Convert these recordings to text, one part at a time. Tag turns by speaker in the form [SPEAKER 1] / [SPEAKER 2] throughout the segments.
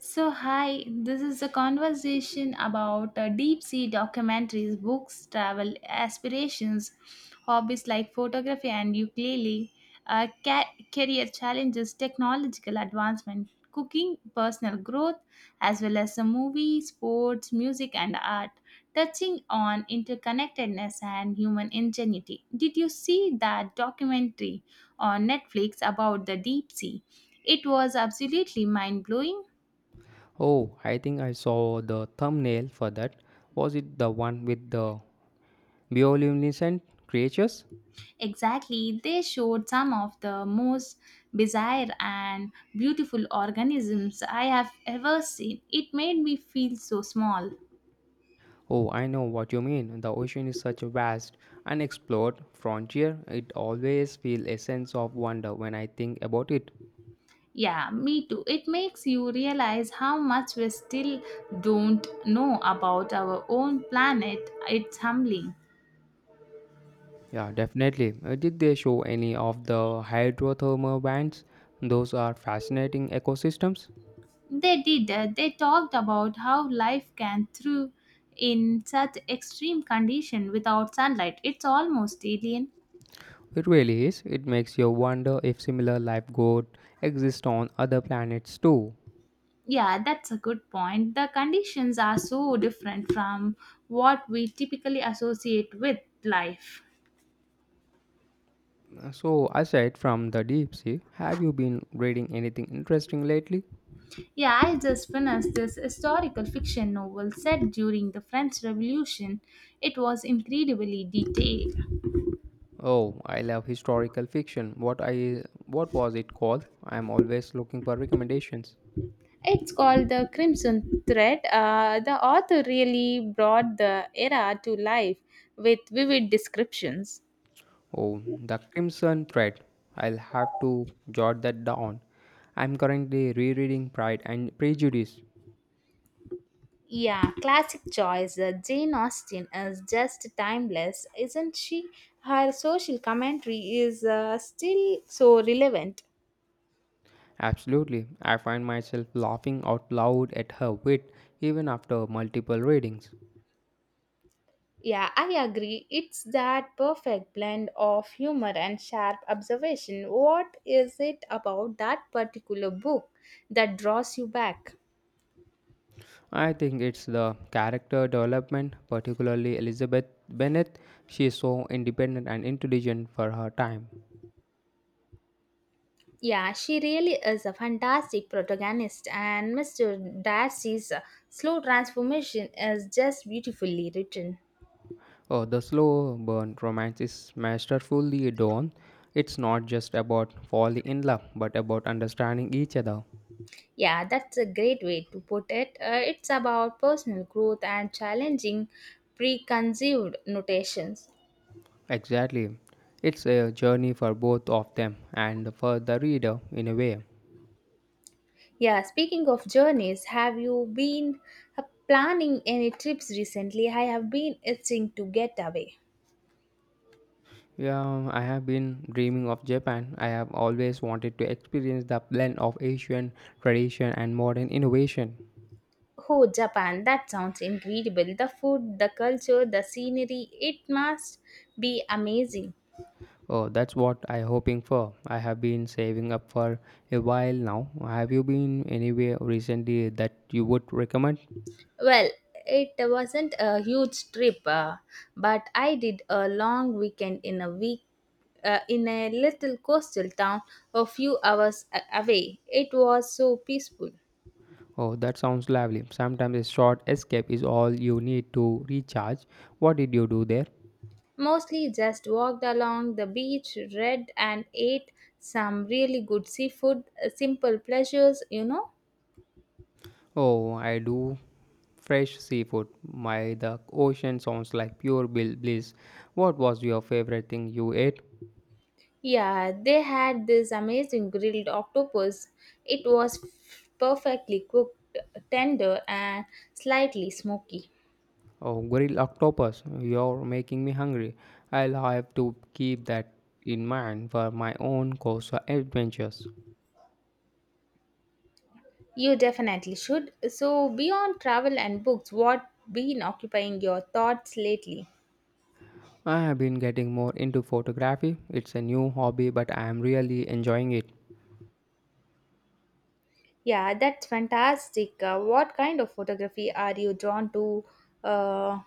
[SPEAKER 1] So, hi, this is a conversation about deep sea documentaries, books, travel aspirations, hobbies like photography and ukulele, career challenges, technological advancement, cooking, personal growth, as well as a movie, sports, music, and art, touching on interconnectedness and human ingenuity. Did you see that documentary on Netflix about the deep sea? It was absolutely mind blowing.
[SPEAKER 2] Oh, I think I saw the thumbnail for that. Was it the one with the bioluminescent creatures?
[SPEAKER 1] Exactly, they showed some of the most bizarre and beautiful organisms I have ever seen. It made me feel so small.
[SPEAKER 2] Oh, I know what you mean. The ocean is such a vast, unexplored frontier. It always feels a sense of wonder when I think about it.
[SPEAKER 1] Yeah, me too. It makes you realize how much we still don't know about our own planet. It's humbling.
[SPEAKER 2] Yeah, definitely. Did they show any of the hydrothermal vents? Those are fascinating ecosystems.
[SPEAKER 1] They did. They talked about how life can thrive in such extreme condition without sunlight. It's almost alien.
[SPEAKER 2] It really is. It makes you wonder if similar life could exist on other planets too.
[SPEAKER 1] Yeah, that's a good point. The conditions are so different from what we typically associate with life.
[SPEAKER 2] So, aside from the deep sea, have you been reading anything interesting lately?
[SPEAKER 1] Yeah, I just finished this historical fiction novel set during the French Revolution. It was incredibly detailed.
[SPEAKER 2] Oh, I love historical fiction. What was it called? I am always looking for recommendations.
[SPEAKER 1] It's called The Crimson Thread. The author really brought the era to life with vivid descriptions.
[SPEAKER 2] Oh, The Crimson Thread. I'll have to jot that down. I'm currently rereading Pride and Prejudice.
[SPEAKER 1] Yeah, classic choice. Jane Austen is just timeless, isn't she? Her social commentary is still so relevant.
[SPEAKER 2] Absolutely. I find myself laughing out loud at her wit even after multiple readings.
[SPEAKER 1] Yeah, I agree. It's that perfect blend of humor and sharp observation. What is it about that particular book that draws you back?
[SPEAKER 2] I think it's the character development, particularly Elizabeth Bennet. She is so independent and intelligent for her time.
[SPEAKER 1] Yeah, she really is a fantastic protagonist, and Mr. Darcy's slow transformation is just beautifully written.
[SPEAKER 2] Oh, the slow burn romance is masterfully done. It's not just about falling in love, but about understanding each other.
[SPEAKER 1] Yeah, that's a great way to put it. It's about personal growth and challenging preconceived notations.
[SPEAKER 2] Exactly. It's a journey for both of them and for the reader in a way.
[SPEAKER 1] Yeah, speaking of journeys, have you been planning any trips recently? I have been itching to get away.
[SPEAKER 2] Yeah, I have been dreaming of Japan. I have always wanted to experience the blend of Asian tradition and modern innovation.
[SPEAKER 1] Oh, Japan, that sounds incredible. The food, the culture, the scenery, it must be amazing.
[SPEAKER 2] Oh, that's what I hoping for. I have been saving up for a while now. Have you been anywhere recently that you would recommend?
[SPEAKER 1] Well, it wasn't a huge trip, but I did a long weekend in a week in a little coastal town a few hours away. It was so peaceful.
[SPEAKER 2] Oh, that sounds lovely. Sometimes a short escape is all you need to recharge. What did you do there?
[SPEAKER 1] Mostly just walked along the beach, read and ate some really good seafood, simple pleasures,
[SPEAKER 2] Oh, I do fresh seafood. My The ocean sounds like pure bliss. What was your favorite thing you ate?
[SPEAKER 1] Yeah, they had this amazing grilled octopus. It was perfectly cooked, tender and slightly smoky.
[SPEAKER 2] Oh, grilled octopus, you're making me hungry. I'll have to keep that in mind for my own coastal adventures.
[SPEAKER 1] You definitely should. So, beyond travel and books, what been occupying your thoughts lately?
[SPEAKER 2] I have been getting more into photography. It's a new hobby, but I am really enjoying it.
[SPEAKER 1] Yeah, that's fantastic. What kind of photography are you drawn to? Uh,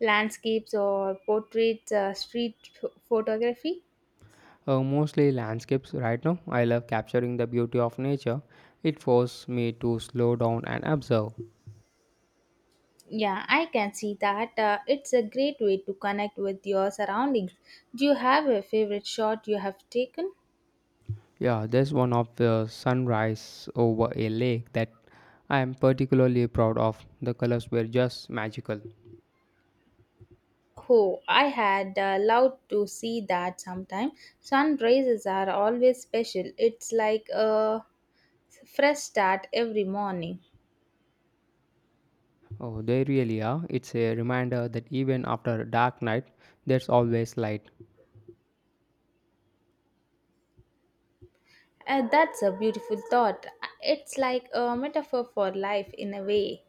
[SPEAKER 1] Landscapes or portraits, street photography?
[SPEAKER 2] Mostly landscapes right now. I love capturing the beauty of nature. It forces me to slow down and observe.
[SPEAKER 1] Yeah, I can see that. It's a great way to connect with your surroundings. Do you have a favorite shot you have taken?
[SPEAKER 2] Yeah, there's one of the sunrise over a lake that I am particularly proud of. The colors were just magical.
[SPEAKER 1] Oh, I had loved to see that sometime. Sunrises are always special. It's like a fresh start every morning.
[SPEAKER 2] Oh, they really are. It's a reminder that even after a dark night, there's always light.
[SPEAKER 1] That's a beautiful thought. It's like a metaphor for life in a way.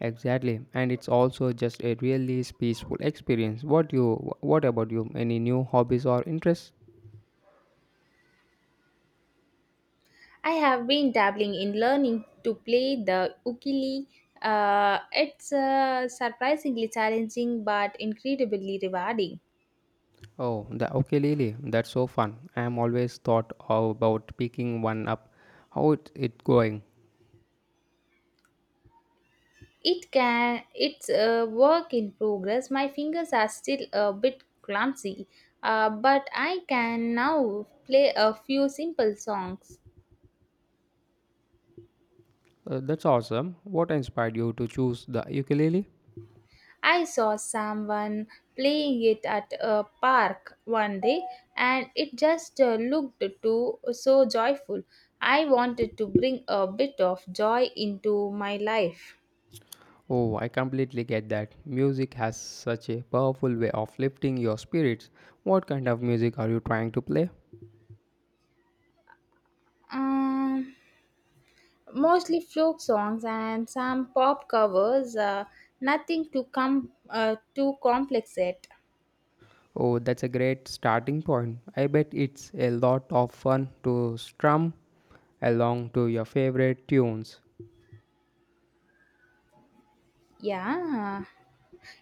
[SPEAKER 2] Exactly, and it's also just a really peaceful experience. What about you? Any new hobbies or interests?
[SPEAKER 1] I have been dabbling in learning to play the ukulele. It's surprisingly challenging but incredibly rewarding.
[SPEAKER 2] Oh, the ukulele. That's so fun. I'm always thought about picking one up. How it going?
[SPEAKER 1] It's a work in progress. My fingers are still a bit clumsy, but I can now play a few simple songs.
[SPEAKER 2] That's awesome. What inspired you to choose the ukulele?
[SPEAKER 1] I saw someone playing it at a park one day and it just looked too so joyful. I wanted to bring a bit of joy into my life.
[SPEAKER 2] Oh, I completely get that. Music has such a powerful way of lifting your spirits. What kind of music are you trying to play?
[SPEAKER 1] Um Mostly folk songs and some pop covers. Nothing too complex yet.
[SPEAKER 2] Oh, that's a great starting point. I bet it's a lot of fun to strum along to your favorite tunes.
[SPEAKER 1] Yeah,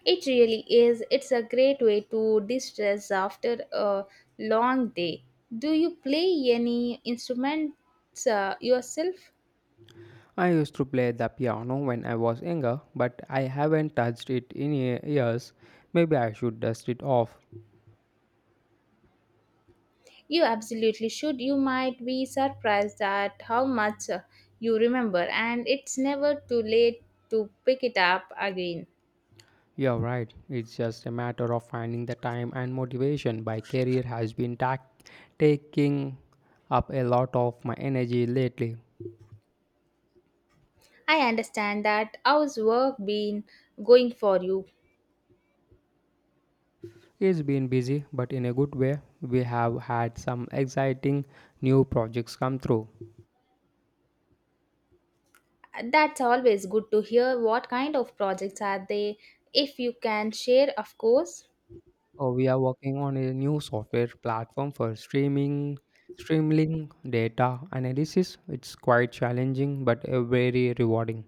[SPEAKER 1] it really is. It's a great way to distress after a long day. Do you play any instruments yourself?
[SPEAKER 2] I used to play the piano when I was younger, but I haven't touched it in years. Maybe I should dust it off.
[SPEAKER 1] You absolutely should. You might be surprised at how much you remember, and it's never too late to pick it up again.
[SPEAKER 2] You're right. It's just a matter of finding the time and motivation. My career has been taking up a lot of my energy lately.
[SPEAKER 1] I understand that. How's work been going for you?
[SPEAKER 2] It's been busy, but in a good way. We have had some exciting new projects come through.
[SPEAKER 1] That's always good to hear. What kind of projects are they? If you can share, of course.
[SPEAKER 2] Oh, we are working on a new software platform for streaming data analysis. It's quite challenging, but very rewarding.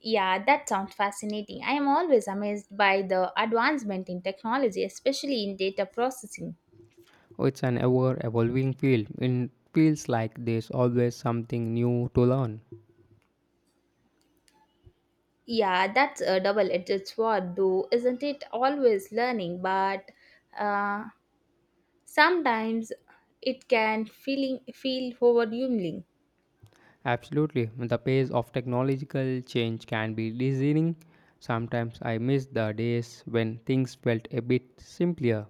[SPEAKER 1] Yeah, that sounds fascinating. I am always amazed by the advancement in technology, especially in data processing.
[SPEAKER 2] Oh, it's an ever evolving field. It feels like there's always something new to learn.
[SPEAKER 1] Yeah, that's a double edged sword, though, isn't it? Always learning, but uh, sometimes it can feel overwhelming.
[SPEAKER 2] Absolutely. The pace of technological change can be dizzying. Sometimes I miss the days when things felt a bit simpler.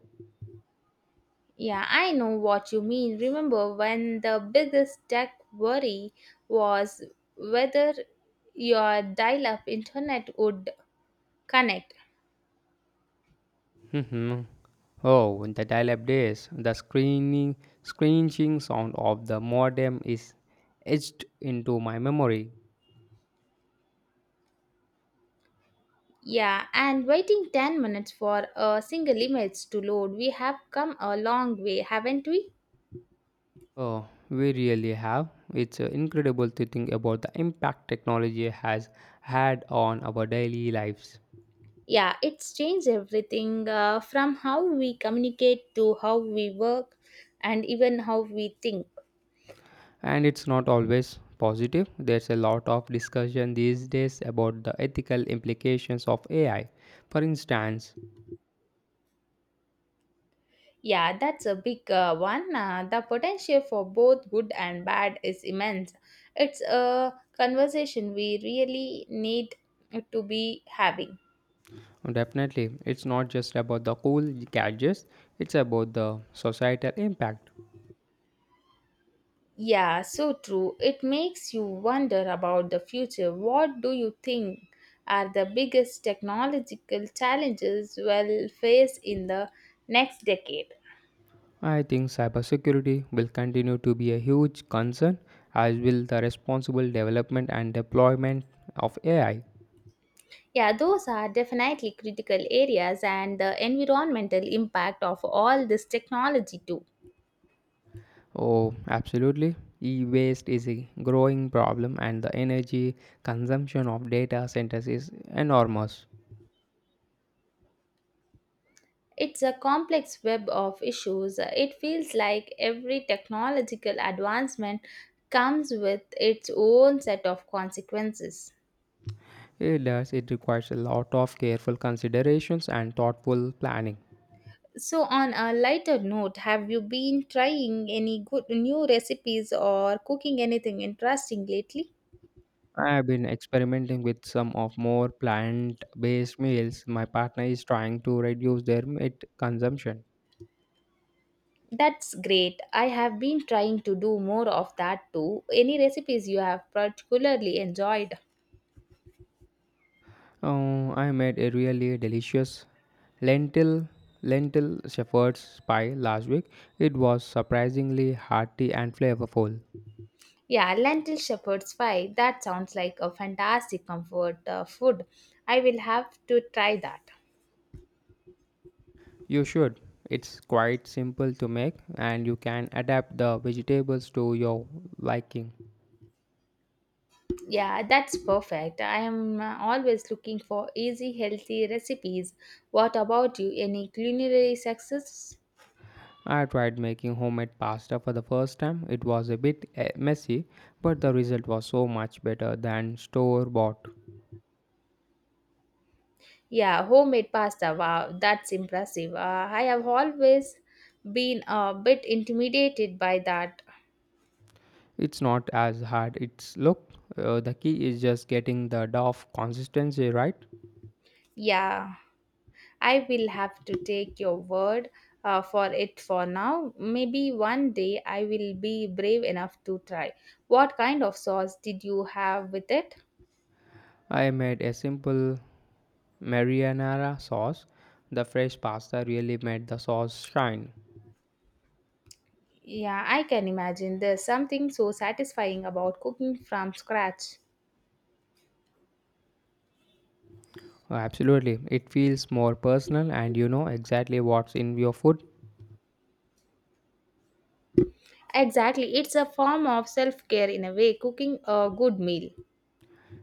[SPEAKER 1] Yeah, I know what you mean. Remember when the biggest tech worry was whether your dial up internet would connect?
[SPEAKER 2] Mhm. Oh, in the dial-up days, the screeching sound of the modem is etched into my memory.
[SPEAKER 1] Yeah, and waiting 10 minutes for a single image to load. We have come a long way, haven't we?
[SPEAKER 2] Oh, we really have. It's incredible to think about the impact technology has had on our daily lives.
[SPEAKER 1] Yeah, it's changed everything from how we communicate to how we work and even how we think.
[SPEAKER 2] And it's not always positive. There's a lot of discussion these days about the ethical implications of AI. For instance,
[SPEAKER 1] Yeah, that's a big one. The potential for both good and bad is immense. It's a conversation we really need to be having.
[SPEAKER 2] definitely, it's not just about the cool gadgets, it's about the societal impact.
[SPEAKER 1] Yeah, so true. It makes you wonder about the future. What do you think are the biggest technological challenges we'll face in the next decade?
[SPEAKER 2] I think cybersecurity will continue to be a huge concern, as will the responsible development and deployment of AI.
[SPEAKER 1] Yeah, those are definitely critical areas and the environmental impact of all this technology too.
[SPEAKER 2] Oh, absolutely. E waste is a growing problem, and the energy consumption of data centers is enormous.
[SPEAKER 1] It's a complex web of issues. It feels like every technological advancement comes with its own set of consequences.
[SPEAKER 2] It does, it requires a lot of careful considerations and thoughtful planning.
[SPEAKER 1] So, on a lighter note, have you been trying any good new recipes or cooking anything interesting lately?
[SPEAKER 2] I have been experimenting with some of more plant based meals. My partner is trying to reduce their meat consumption.
[SPEAKER 1] That's great. I have been trying to do more of that too. Any recipes you have particularly enjoyed?
[SPEAKER 2] Oh, I made a really delicious lentil lentil shepherd's pie last week. It was surprisingly hearty and flavorful.
[SPEAKER 1] Yeah, lentil shepherd's pie. That sounds like a fantastic comfort food. I will have to try that.
[SPEAKER 2] You should. It's quite simple to make and you can adapt the vegetables to your liking.
[SPEAKER 1] Yeah, that's perfect. I am always looking for easy, healthy recipes. What about you? Any culinary success?
[SPEAKER 2] I tried making homemade pasta for the first time. It was a bit messy, but the result was so much better than store bought.
[SPEAKER 1] Yeah, homemade pasta. Wow, that's impressive. I have always been a bit intimidated by that.
[SPEAKER 2] It's not as hard it's look. The key is just getting the dough consistency right.
[SPEAKER 1] Yeah. I will have to take your word for it for now. Maybe one day I will be brave enough to try. What kind of sauce did you have with it?
[SPEAKER 2] I made a simple marinara sauce. The fresh pasta really made the sauce shine.
[SPEAKER 1] Yeah, I can imagine. There's something so satisfying about cooking from scratch.
[SPEAKER 2] Oh, absolutely. It feels more personal and you know exactly what's in your food.
[SPEAKER 1] Exactly. It's a form of self care in a way, cooking a good meal.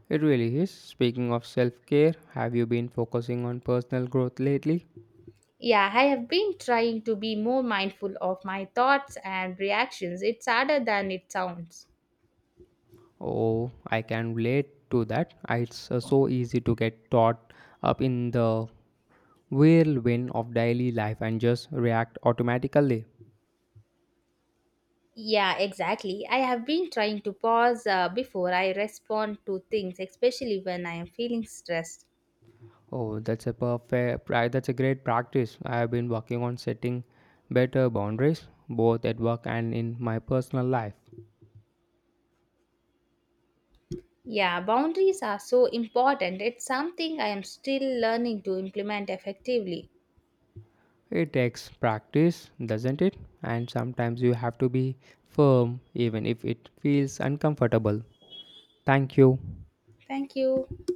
[SPEAKER 2] It really is. Speaking of self care, have you been focusing on personal growth lately?
[SPEAKER 1] Yeah, I have been trying to be more mindful of my thoughts and reactions. It's harder than it sounds.
[SPEAKER 2] Oh, I can relate to that. It's so easy to get caught up in the whirlwind of daily life and just react automatically.
[SPEAKER 1] Yeah, exactly. I have been trying to pause before I respond to things, especially when I am feeling stressed.
[SPEAKER 2] Oh, that's a great practice. I have been working on setting better boundaries, both at work and in my personal life.
[SPEAKER 1] Yeah, boundaries are so important. It's something I am still learning to implement effectively.
[SPEAKER 2] It takes practice, doesn't it? And sometimes you have to be firm even if it feels uncomfortable. Thank you.
[SPEAKER 1] Thank you.